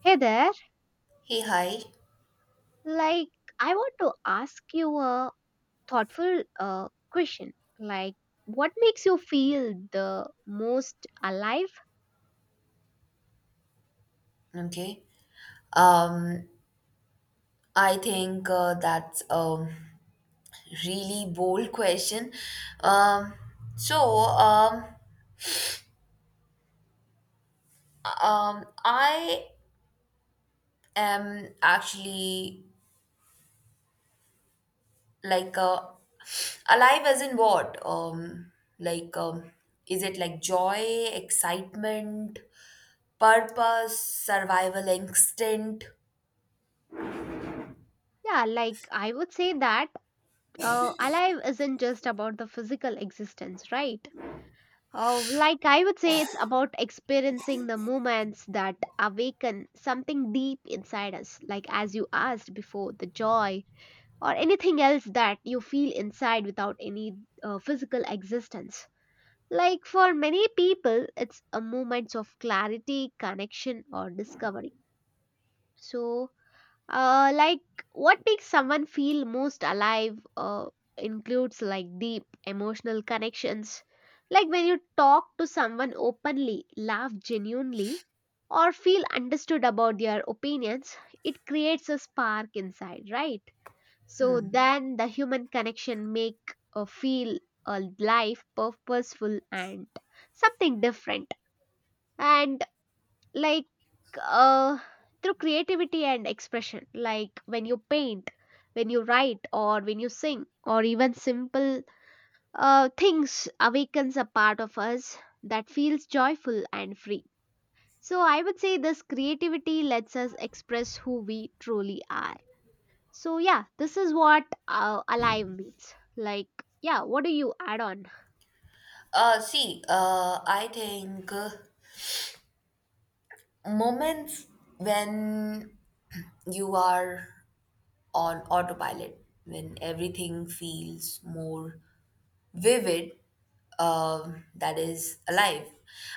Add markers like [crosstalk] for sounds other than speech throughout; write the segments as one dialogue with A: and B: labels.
A: Hey there.
B: Hey, hi.
A: Like, I want to ask you a thoughtful question. Like, what makes you feel the most alive?
B: Okay. Um, I think that's a really bold question. Um, so, um, I am actually like uh, alive as in what? Like, um, is it like joy, excitement, purpose, survival instinct?
A: Yeah, like, I would say that alive isn't just about the physical existence, right? I would say it's about experiencing the moments that awaken something deep inside us. Like, as you asked before, the joy or anything else that you feel inside without any physical existence. Like for many people, it's a moment of clarity, connection, or discovery. So, uh, like what makes someone feel most alive includes like deep emotional connections. Like when you talk to someone openly, laugh genuinely, or feel understood about their opinions, it creates a spark inside, right? So then the human connection make feel a life purposeful and something different. And like uh, through creativity and expression, like when you paint, when you write, or when you sing, or even simple things awakens a part of us that feels joyful and free. So I would say this creativity lets us express who we truly are. So yeah, this is what alive means. Like, yeah, what do you add on?
B: I think moments when you are on autopilot when everything feels more vivid, that is alive.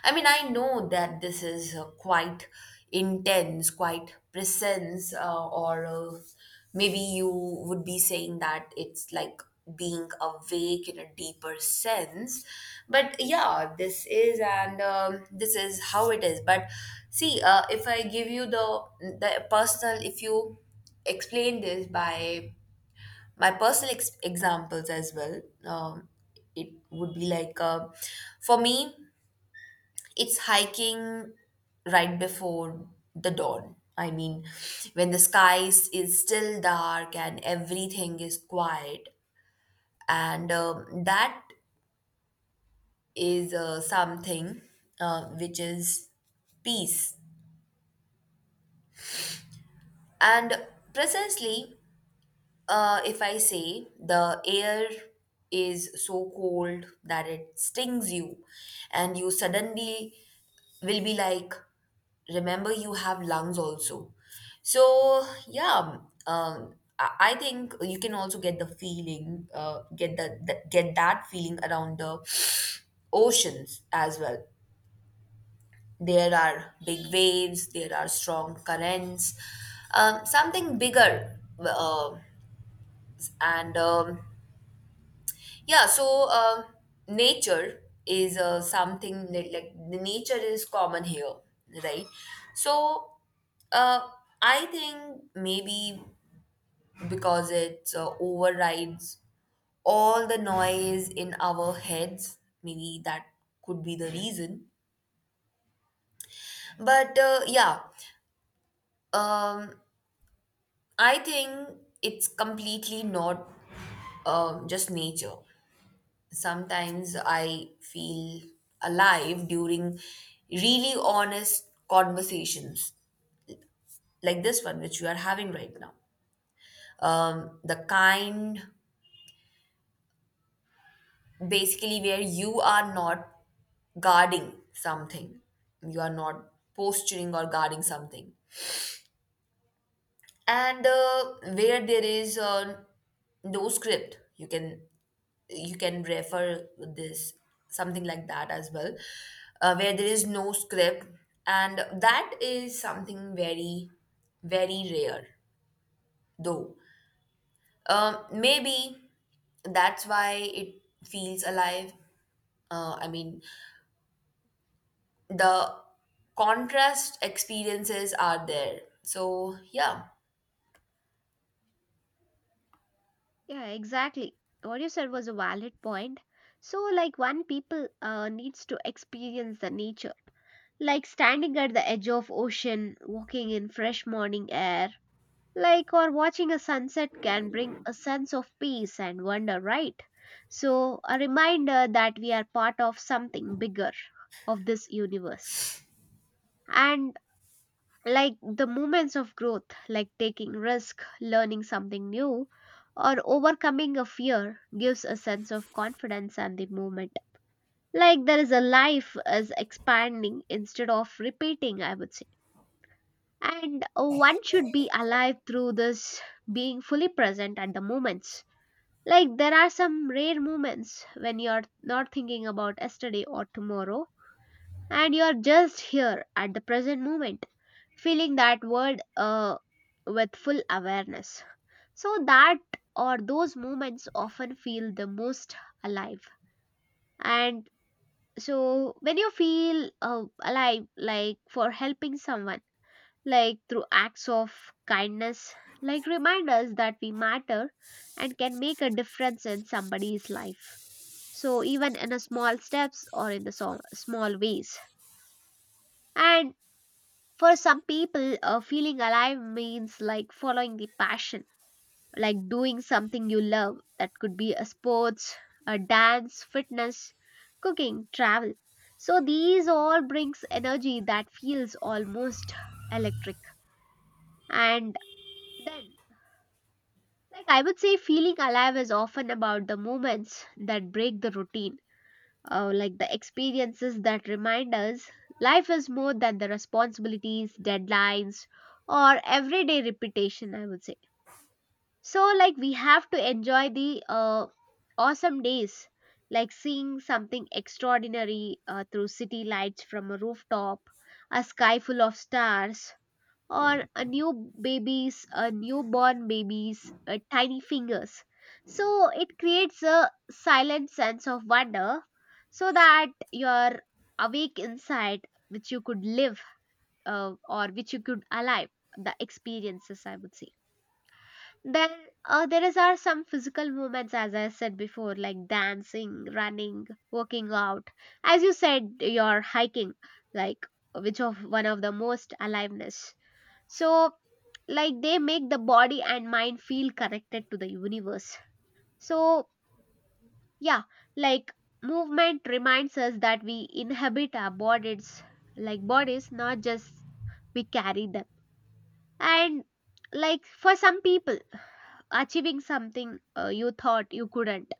B: I mean, I know that this is quite intense, quite presence, or maybe you would be saying that it's like being awake in a deeper sense. But yeah, this is, and this is how it is. But see, if I give you the, the personal, if you explain this by my personal examples as well, it would be like, for me, it's hiking right before the dawn. I mean, when the sky is still dark and everything is quiet, and that is, something which is peace and precisely. If I say the air is so cold that it stings you, and you suddenly will be like, remember you have lungs also. So, yeah, I think you can also get the feeling, get the get that feeling around the oceans as well. There are big waves, there are strong currents, something bigger, and yeah. So, nature is something that, like the nature is common here, right? So, uh, I think maybe because it overrides all the noise in our heads, maybe that could be the reason. But yeah, um, I think it's completely not just nature. Sometimes I feel alive during really honest conversations like this one, which we are having right now. The kind basically where you are not guarding something, you are not posturing or guarding something, and where there is no script. You can, you can refer this something like that as well, where there is no script, and that is something very, very rare though. Maybe that's why it feels alive. I mean, the contrast experiences are there, so yeah.
A: Yeah, exactly. What you said was a valid point. So, like, one people needs to experience the nature, like standing at the edge of ocean, walking in fresh morning air, like, or watching a sunset, can bring a sense of peace and wonder, right? So, a reminder that we are part of something bigger, of this universe. And like the moments of growth, like taking risk, learning something new, or overcoming a fear, gives a sense of confidence and the movement. Like there is a life is expanding instead of repeating, I would say. And one should be alive through this, being fully present at the moments. Like there are some rare moments when you are not thinking about yesterday or tomorrow, and you're just here at the present moment, feeling that world with full awareness. So, that or those moments often feel the most alive. And so, when you feel alive, like for helping someone, like through acts of kindness, like reminders that we matter and can make a difference in somebody's life. So, even in a small steps or in the small ways. And for some people, feeling alive means like following the passion, like doing something you love. That could be a sports, a dance, fitness, cooking, travel. So these all brings energy that feels almost electric. And then, like I would say, feeling alive is often about the moments that break the routine, like the experiences that remind us life is more than the responsibilities, deadlines, or everyday repetition, I would say. So, like, we have to enjoy the awesome days, like seeing something extraordinary through city lights from a rooftop, a sky full of stars, or a new babies, a newborn babies, tiny fingers. So it creates a silent sense of wonder so that your awake insight which you could live, or which you could alive, the experiences, I would say. Then there is are some physical movements, as I said before, like dancing, running, working out. As you said, your hiking, like, which of one of the most aliveness. So like they make the body and mind feel connected to the universe. So yeah, like movement reminds us that we inhabit our bodies, like bodies not just we carry them. And like for some people, achieving something you thought you couldn't,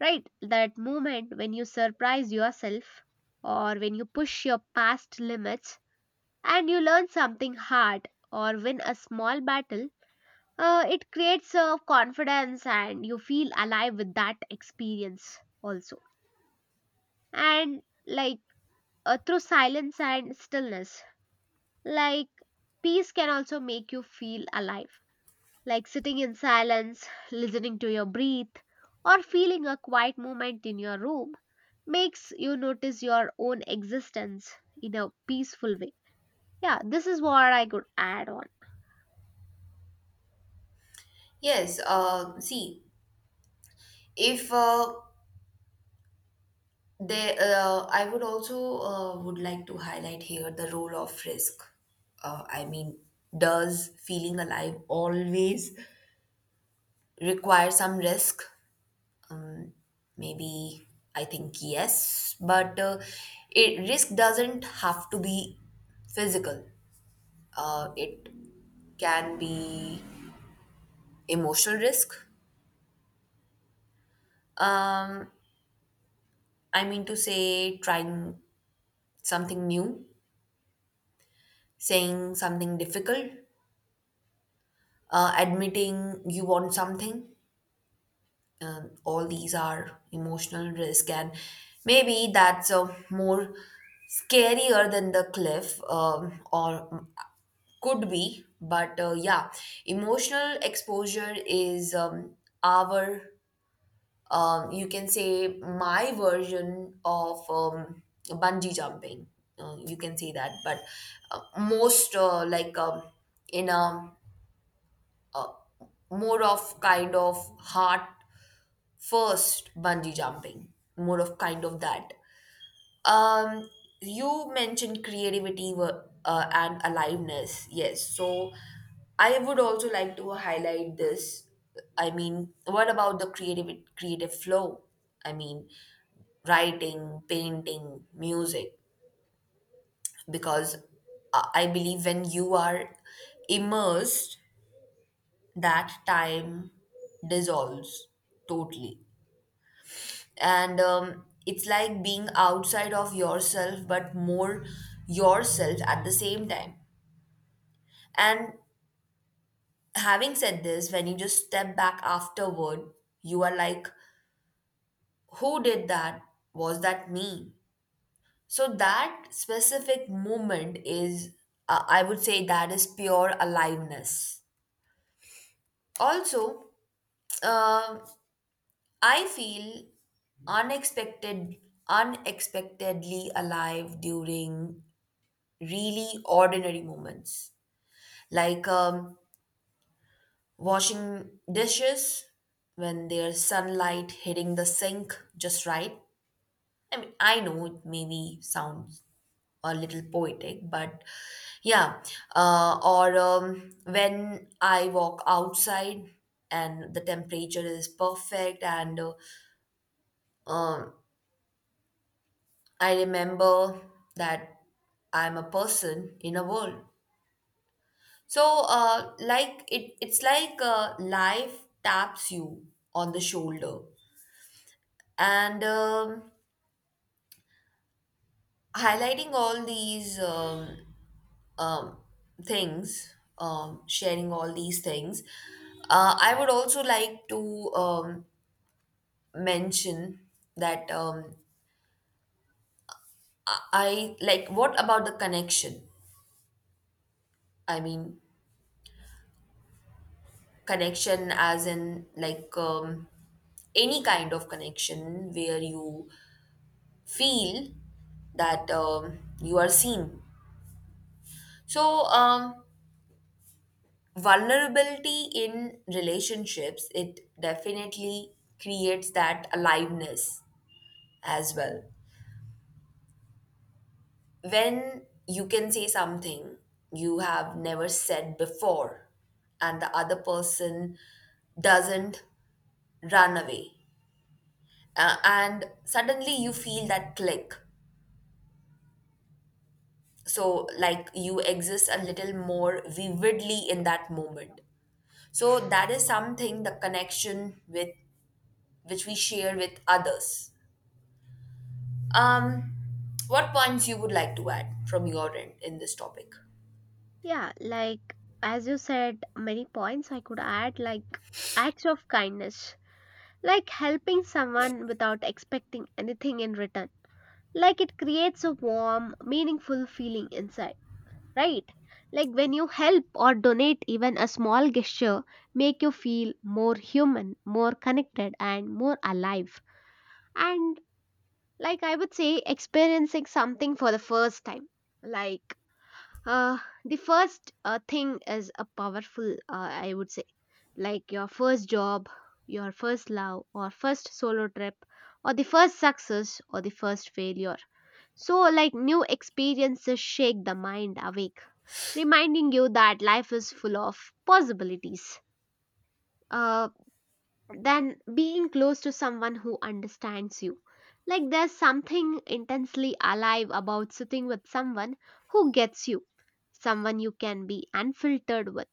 A: right, that moment when you surprise yourself or when you push your past limits and you learn something hard or win a small battle, it creates a confidence and you feel alive with that experience also. And like through silence and stillness, like peace can also make you feel alive, like sitting in silence, listening to your breath, or feeling a quiet moment in your room, makes you notice your own existence in a peaceful way. Yeah, this is what I could add on.
B: Yes, see, if They, I would also would like to highlight here the role of risk. I mean, does feeling alive always require some risk? Um, maybe I think yes, but it risk doesn't have to be physical. It can be emotional risk. Um, I mean to say, trying something new, saying something difficult, admitting you want something. All these are emotional risk, and maybe that's more scarier than the cliff, or could be. But yeah, emotional exposure is, our, you can say, my version of bungee jumping. You can say that, but most like in a more of kind of heart. First, bungee jumping, more of kind of that. Um, you mentioned creativity and aliveness. Yes, so I would also like to highlight this. I mean, what about the creative flow? I mean, writing, painting, music, because I believe when you are immersed, that time dissolves totally, and it's like being outside of yourself but more yourself at the same time. And having said this, when you just step back afterward, you are like, who did that? Was that me? So that specific moment is, I would say, that is pure aliveness. Also, uh, I feel unexpected unexpectedly alive during really ordinary moments, like, washing dishes when there's sunlight hitting the sink just right. I mean, I know it maybe sounds a little poetic, but yeah. Or when I walk outside and the temperature is perfect, and um, I remember that I'm a person in a world. So, it's like life taps you on the shoulder, and highlighting all these um, things, sharing all these things. I would also like to mention that I, like, what about the connection? I mean, connection as in like, any kind of connection where you feel that you are seen. So, vulnerability in relationships, it definitely creates that aliveness as well, when you can say something you have never said before and the other person doesn't run away. And suddenly you feel that click, so like you exist a little more vividly in that moment. So that is something, the connection with which we share with others. Um, what points you would like to add from your end in this topic?
A: Yeah, like as you said, many points I could add, like acts of kindness, like helping someone without expecting anything in return. Like it creates a warm, meaningful feeling inside, right? Like when you help or donate, even a small gesture make you feel more human, more connected, and more alive. And like I would say, experiencing something for the first time. Like uh, the first thing is a powerful, I would say, like your first job, your first love, or first solo trip, or the first success, or the first failure. So, like new experiences shake the mind awake, reminding you that life is full of possibilities. Uh, than being close to someone who understands you. Like there's something intensely alive about sitting with someone who gets you, someone you can be unfiltered with.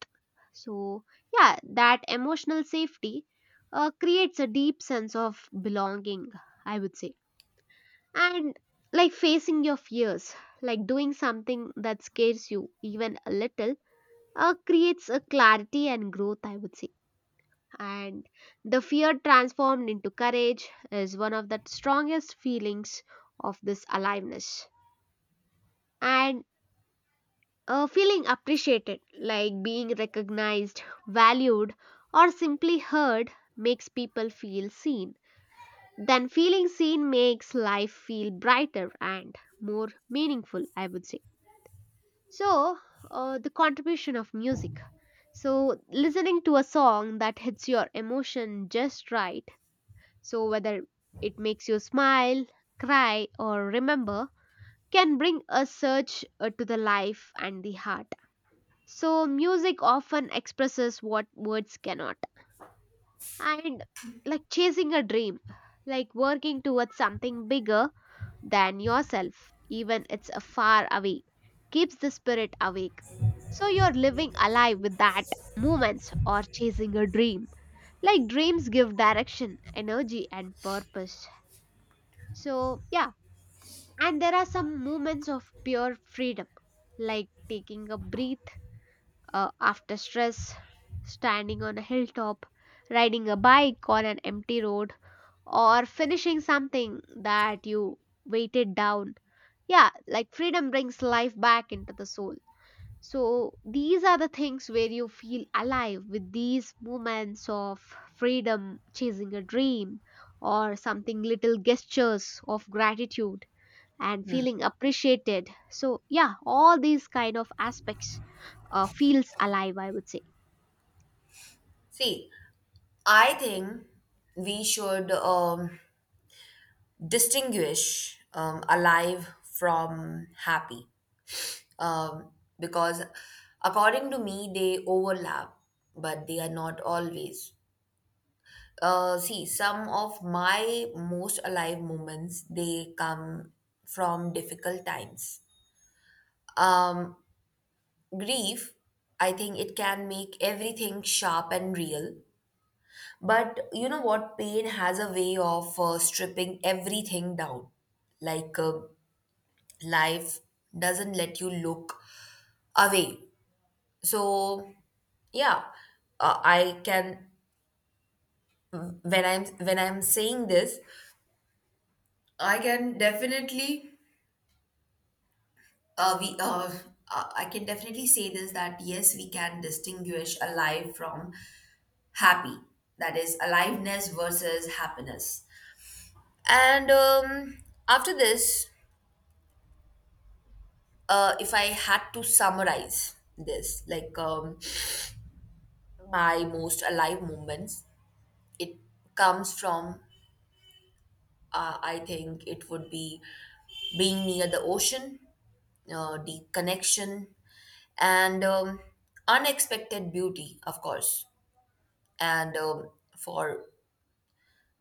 A: So, yeah, that emotional safety creates a deep sense of belonging, I would say. And like facing your fears, like doing something that scares you even a little, creates a clarity and growth, I would say. And the fear transformed into courage is one of the strongest feelings of this aliveness. And feeling appreciated, like being recognized, valued, or simply heard, makes people feel seen. Then feeling seen makes life feel brighter and more meaningful, I would say. So the contribution of music, so listening to a song that hits your emotion just right. So, whether it makes you smile, cry, or remember, can bring a search to the life and the heart. So, music often expresses what words cannot. And like chasing a dream, like working towards something bigger than yourself, even it's a far away, keeps the spirit awake. So, you're living alive with that moments or chasing a dream. Like dreams give direction, energy, and purpose. So, yeah. And there are some moments of pure freedom, like taking a breath after stress, standing on a hilltop, riding a bike on an empty road, or finishing something that you weighted down. Yeah, like freedom brings life back into the soul. So, these are the things where you feel alive with these moments of freedom, chasing a dream, or something little gestures of gratitude and feeling appreciated. So yeah, all these kind of aspects feels alive, I would say.
B: See, I think we should distinguish alive from happy, um, because, according to me, they overlap, but they are not always. See, some of my most alive moments, they come from difficult times. Um, grief, I think it can make everything sharp and real. But you know what? Pain has a way of stripping everything down. Like, life doesn't let you look away. So, yeah, I can when I'm saying this, I can definitely Uh, we, uh, I can definitely say this, that yes, we can distinguish alive from happy. That is aliveness versus happiness. And after this, if I had to summarize this, like, my most alive moments, it comes from, I think it would be being near the ocean, deep connection, and unexpected beauty, of course. And for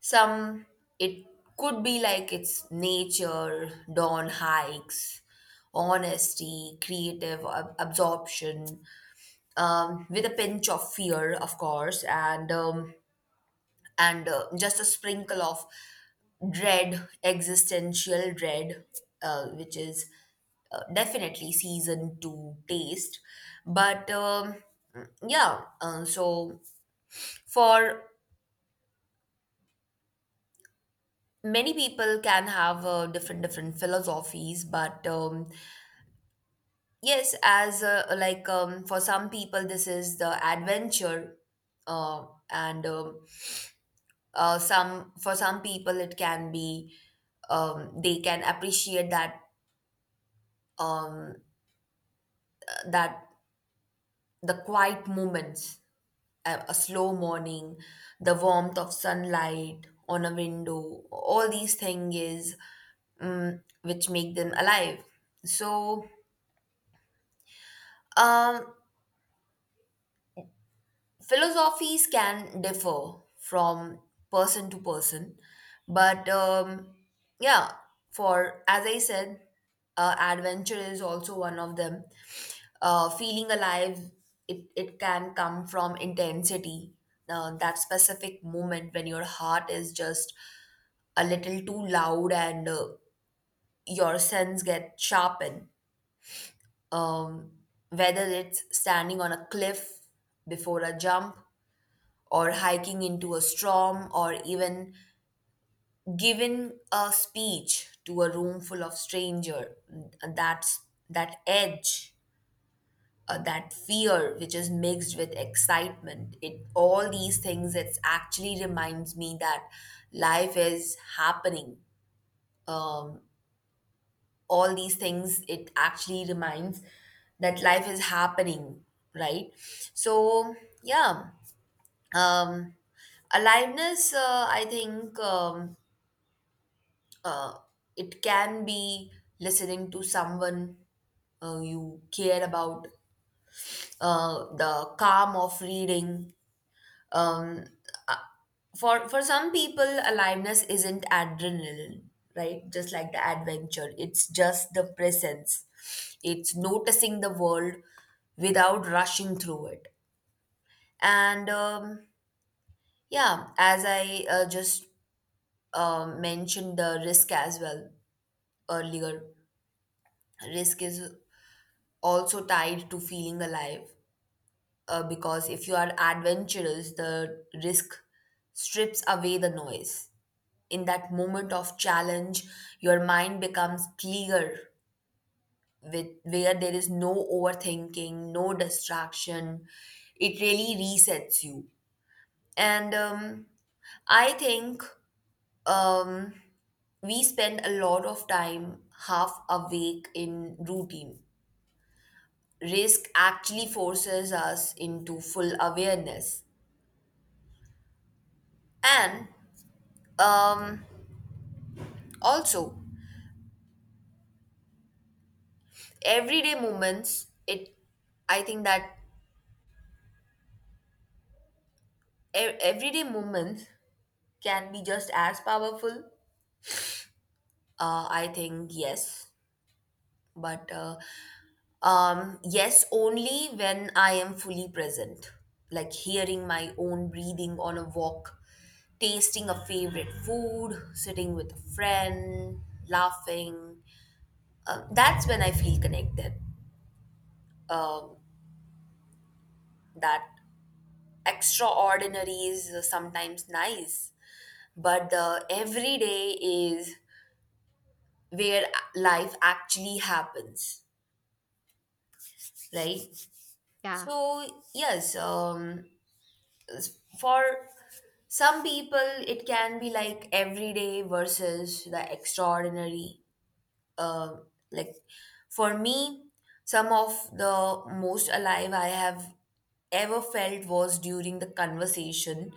B: some, it could be like it's nature, dawn hikes, honesty, creative absorption, with a pinch of fear, of course, and just a sprinkle of dread existential dread, which is, definitely seasoned to taste. But yeah, so for many, people can have, different, different philosophies, but yes, as like for some people this is the adventure, uh, and some for some people it can be, they can appreciate that, um, that the quiet moments, a slow morning, the warmth of sunlight on a window. All these things is, which make them alive. So, um philosophies can differ from person to person, but yeah, for, as I said, adventure is also one of them. Uh, feeling alive, it can come from intensity, that specific moment when your heart is just a little too loud, and your sense get sharpened, um, whether it's standing on a cliff before a jump, or hiking into a storm, or even giving a speech to a room full of stranger. That's that edge, that fear which is mixed with excitement. It, all these things, it actually reminds me that life is happening. Um, all these things it actually reminds that life is happening, right? So, yeah, um aliveness I think uh, it can be listening to someone you care about, the calm of reading. Um, uh, for some people, aliveness isn't adrenaline, right, just like the adventure. It's just the presence. It's noticing the world without rushing through it. And yeah, as I just mentioned the risk as well earlier, risk is also tied to feeling alive, because if you are adventurous, the risk strips away the noise. In that moment of challenge, your mind becomes clear, with where there is no overthinking, no distraction. It really resets you. And I think, um, we spend a lot of time half awake in routine. Risk actually forces us into full awareness. And um, also, everyday moments, it I think that e- everyday moments can be just as powerful. Uh, I think yes, but yes, only when I am fully present, like hearing my own breathing on a walk, tasting a favorite food, sitting with a friend, laughing. Uh, that's when I feel connected. Um, that extraordinary is sometimes nice, but the everyday is where life actually happens, right?
A: Yeah,
B: So, yes, for some people, it can be like everyday versus the extraordinary. Uh, like for me, some of the most alive I have ever felt was during the conversation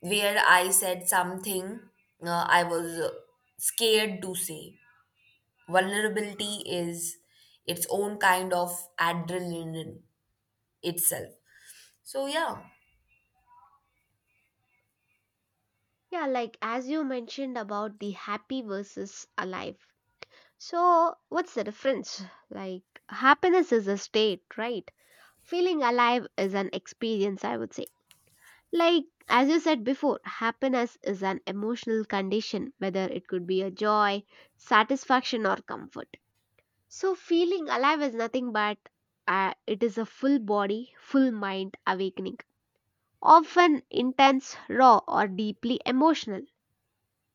B: where I said something I was scared to say. Vulnerability is its own kind of adrenaline itself. So yeah,
A: yeah, like as you mentioned about the happy versus alive, so what's the difference? Like happiness is a state, right? Feeling alive is an experience, I would say. Like, as you said before, happiness is an emotional condition, whether it could be a joy, satisfaction, or comfort. So, feeling alive is nothing but it is a full body, full mind awakening, often intense, raw, or deeply emotional.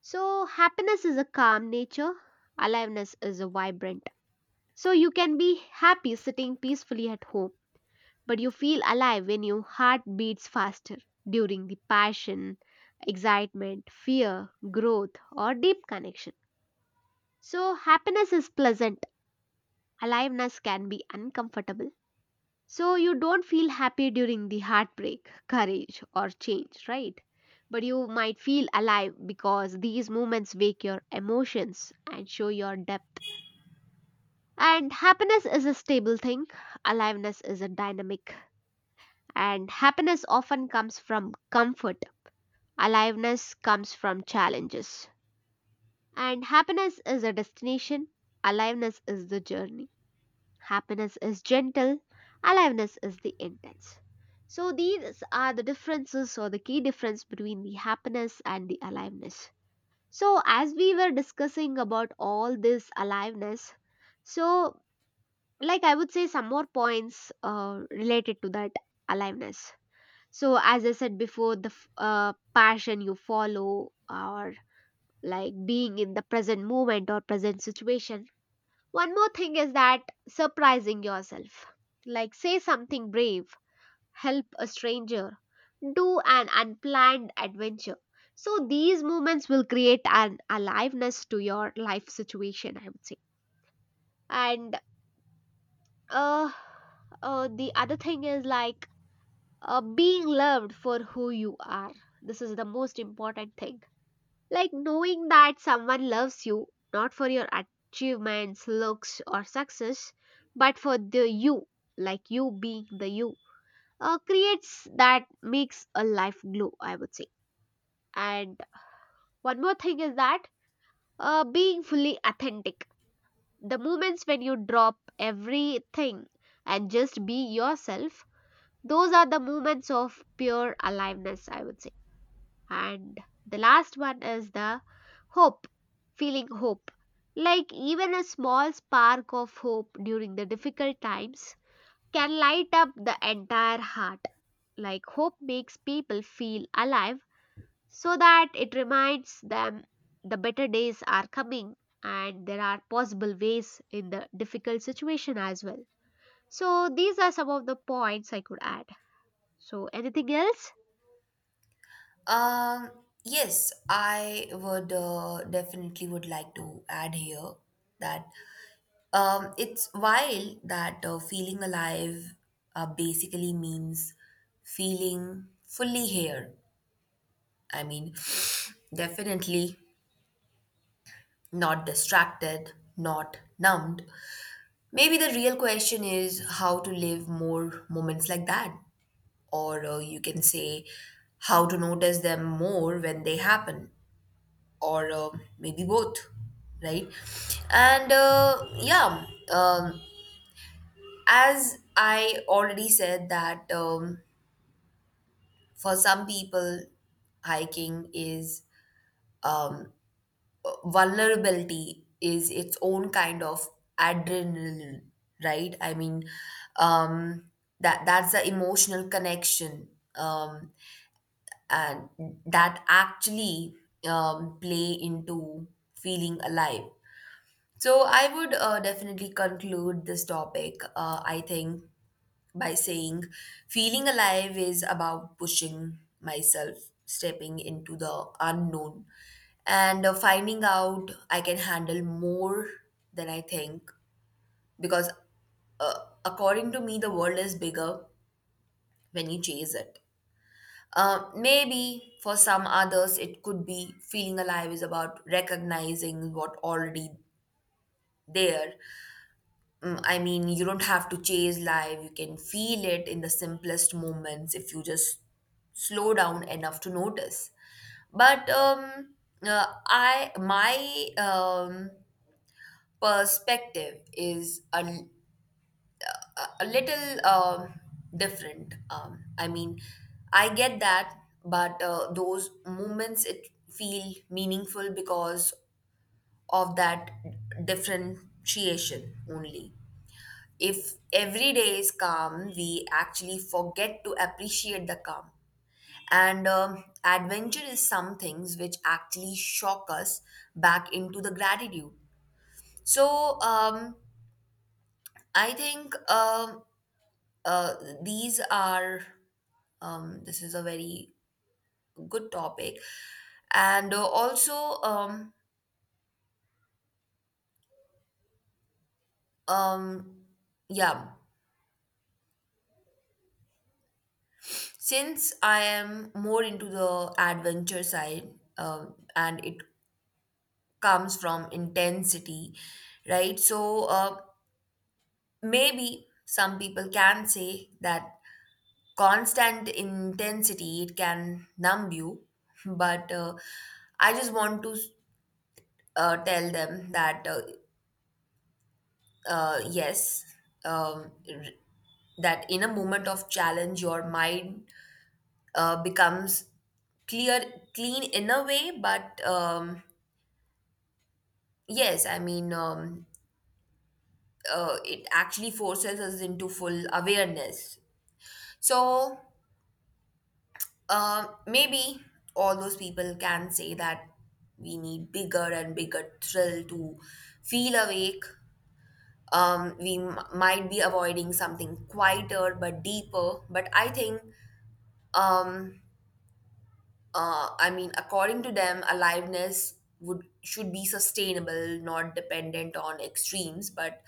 A: So, happiness is a calm nature, aliveness is a vibrant. So, you can be happy sitting peacefully at home, but you feel alive when your heart beats faster during the passion, excitement, fear, growth, or deep connection. So, happiness is pleasant, aliveness can be uncomfortable. So you don't feel happy during the heartbreak, courage, or change, right? But you might feel alive because these moments wake your emotions and show your depth. And happiness is a stable thing, aliveness is a dynamic. And happiness often comes from comfort, aliveness comes from challenges. And happiness is a destination, aliveness is the journey. Happiness is gentle, aliveness is the intense. So these are the differences or the key difference between the happiness and the aliveness. So as we were discussing about all this aliveness, so like I would say some more points related to that aliveness. So as I said before, the passion you follow, or like being in the present moment or present situation. One more thing is that surprising yourself. Like, say something brave, help a stranger, do an unplanned adventure. So, these moments will create an aliveness to your life situation, I would say. And uh, the other thing is like being loved for who you are. This is the most important thing. Like knowing that someone loves you not for your achievements, looks, or success, but for the you, like you being the you, creates, that makes a life glow, I would say. And one more thing is that being fully authentic. The moments when you drop everything and just be yourself, those are the moments of pure aliveness, I would say. And the last one is the hope, feeling hope. Like even a small spark of hope during the difficult times can light up the entire heart. Like hope makes people feel alive so that it reminds them the better days are coming and there are possible ways in the difficult situation as well. So these are some of the points I could add. So anything else?
B: um, yes, I would definitely would like to add here that it's wild that feeling alive basically means feeling fully here. I mean, [sighs] [sniffs] definitely not distracted, not numbed. Maybe the real question is how to live more moments like that. Or, you can say, how to notice them more when they happen. Or, maybe both, right? And yeah, um, as I already said, that for some people, hiking is, um, vulnerability is its own kind of adrenaline, right? I mean, um that, that's the emotional connection, um and that actually play into feeling alive. So I would definitely conclude this topic, I think, by saying, feeling alive is about pushing myself, stepping into the unknown, and finding out I can handle more than I think. Because, uh, according to me, the world is bigger when you chase it. Maybe for some others, it could be feeling alive is about recognizing what already there. Mm, I mean, you don't have to chase life. You can feel it in the simplest moments if you just slow down enough to notice. But I, my perspective is a little different. I mean, I get that, but those moments, it feel meaningful because of that differentiation only. If every day is calm, we actually forget to appreciate the calm. And adventure is some things which actually shock us back into the gratitude. So I think, uh, these are, this is a very good topic. And also, um, yeah, since I am more into the adventure side, and it comes from intensity, right? So maybe some people can say that constant intensity, it can numb you, but I just want to tell them that, yes, um, r- that in a moment of challenge, your mind becomes clear, clean in a way, but yes, I mean. It actually forces us into full awareness. So maybe all those people can say that we need bigger and bigger thrill to feel awake. We might be avoiding something quieter but deeper. But I think, um, I mean, according to them, aliveness would, should be sustainable, not dependent on extremes. But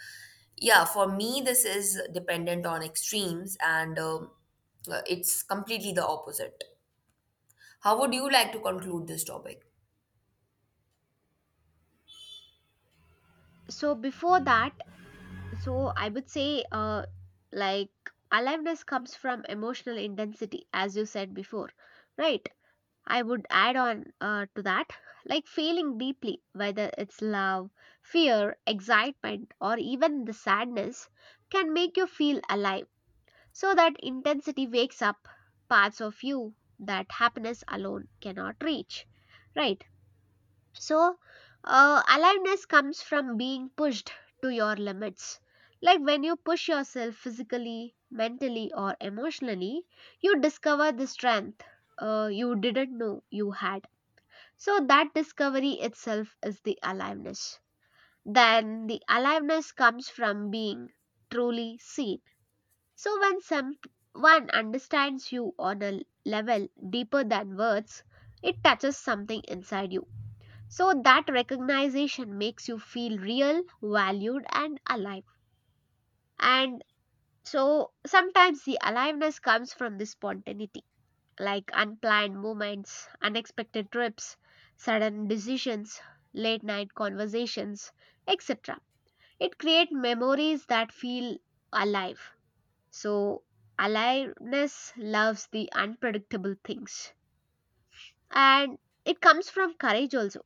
B: yeah, for me, this is dependent on extremes, and it's completely the opposite. How would you like to conclude this topic?
A: So before that, so I would say like aliveness comes from emotional intensity, as you said before, right? I would add on to that, like feeling deeply, whether it's love, fear, excitement, or even the sadness, can make you feel alive. So that intensity wakes up parts of you that happiness alone cannot reach, right? So, aliveness comes from being pushed to your limits. Like when you push yourself physically, mentally, or emotionally, you discover the strength you didn't know you had. So, that discovery itself is the aliveness. Then, the aliveness comes from being truly seen. So, when someone understands you on a level deeper than words, it touches something inside you so that recognition makes you feel real, valued, and alive. And so sometimes the aliveness comes from the spontaneity, like unplanned moments, unexpected trips, sudden decisions, late night conversations, etc. It creates memories that feel alive. So aliveness loves the unpredictable things. And it comes from courage also,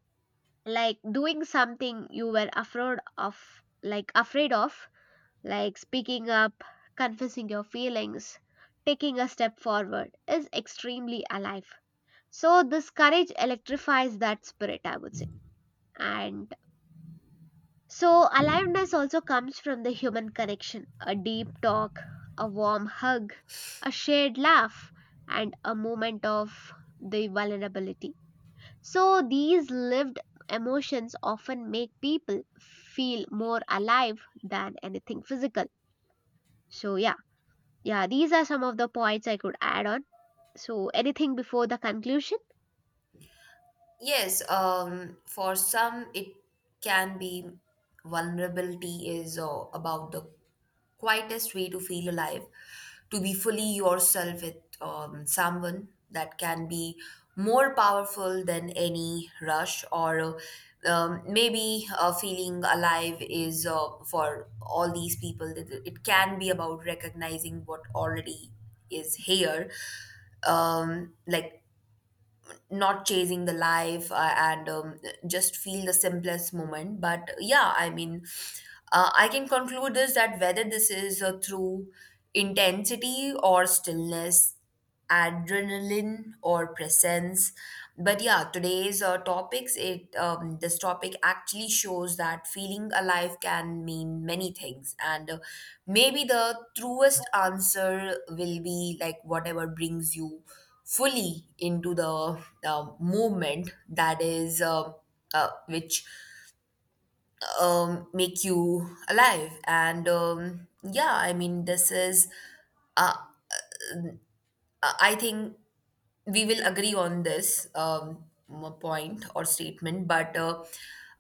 A: like doing something you were afraid of, like afraid of, like speaking up, confessing your feelings, taking a step forward is extremely alive. So this courage electrifies that spirit, I would say. And so aliveness also comes from the human connection, a deep talk, a warm hug, a shared laugh, and a moment of the vulnerability. So, these lived emotions often make people feel more alive than anything physical. So, yeah, yeah, these are some of the points I could add on. So, anything before the conclusion?
B: Yes, for some, it can be vulnerability is about the quietest way to feel alive, to be fully yourself with someone, that can be more powerful than any rush. Or, maybe feeling alive is, for all these people, it can be about recognizing what already is here, like not chasing the life, and just feel the simplest moment. But yeah, I mean, I can conclude this that whether this is through intensity or stillness, adrenaline or presence. But yeah, today's topics, it this topic actually shows that feeling alive can mean many things, and maybe the truest answer will be like whatever brings you fully into the movement, that is, which make you alive. And yeah, I mean, this is, uh, I think we will agree on this point or statement. But uh,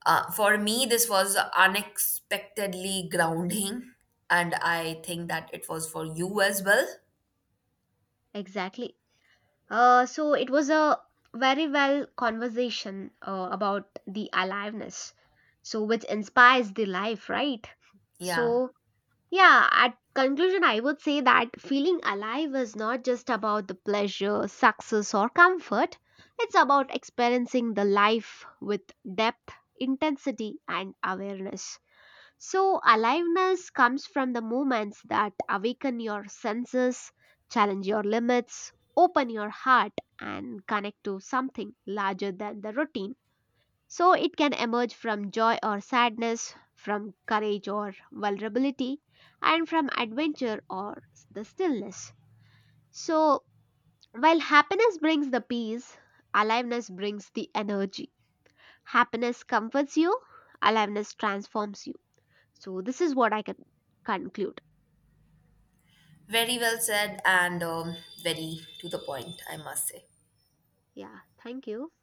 B: uh, for me, this was unexpectedly grounding, and I think that it was for you as well.
A: Exactly. So, it was a very well conversation about the aliveness, so which inspires the life, right?
B: Yeah,
A: So, yeah, at conclusion, I would say that feeling alive is not just about the pleasure, success, or comfort. It's about experiencing the life with depth, intensity, and awareness. So, aliveness comes from the moments that awaken your senses, challenge your limits, open your heart, and connect to something larger than the routine. So it can emerge from joy or sadness, from courage or vulnerability, and from adventure or the stillness. So while happiness brings the peace, aliveness brings the energy. Happiness comforts you, aliveness transforms you. So this is what I can conclude.
B: very well said, and very to the point, I must say.
A: Yeah, thank you.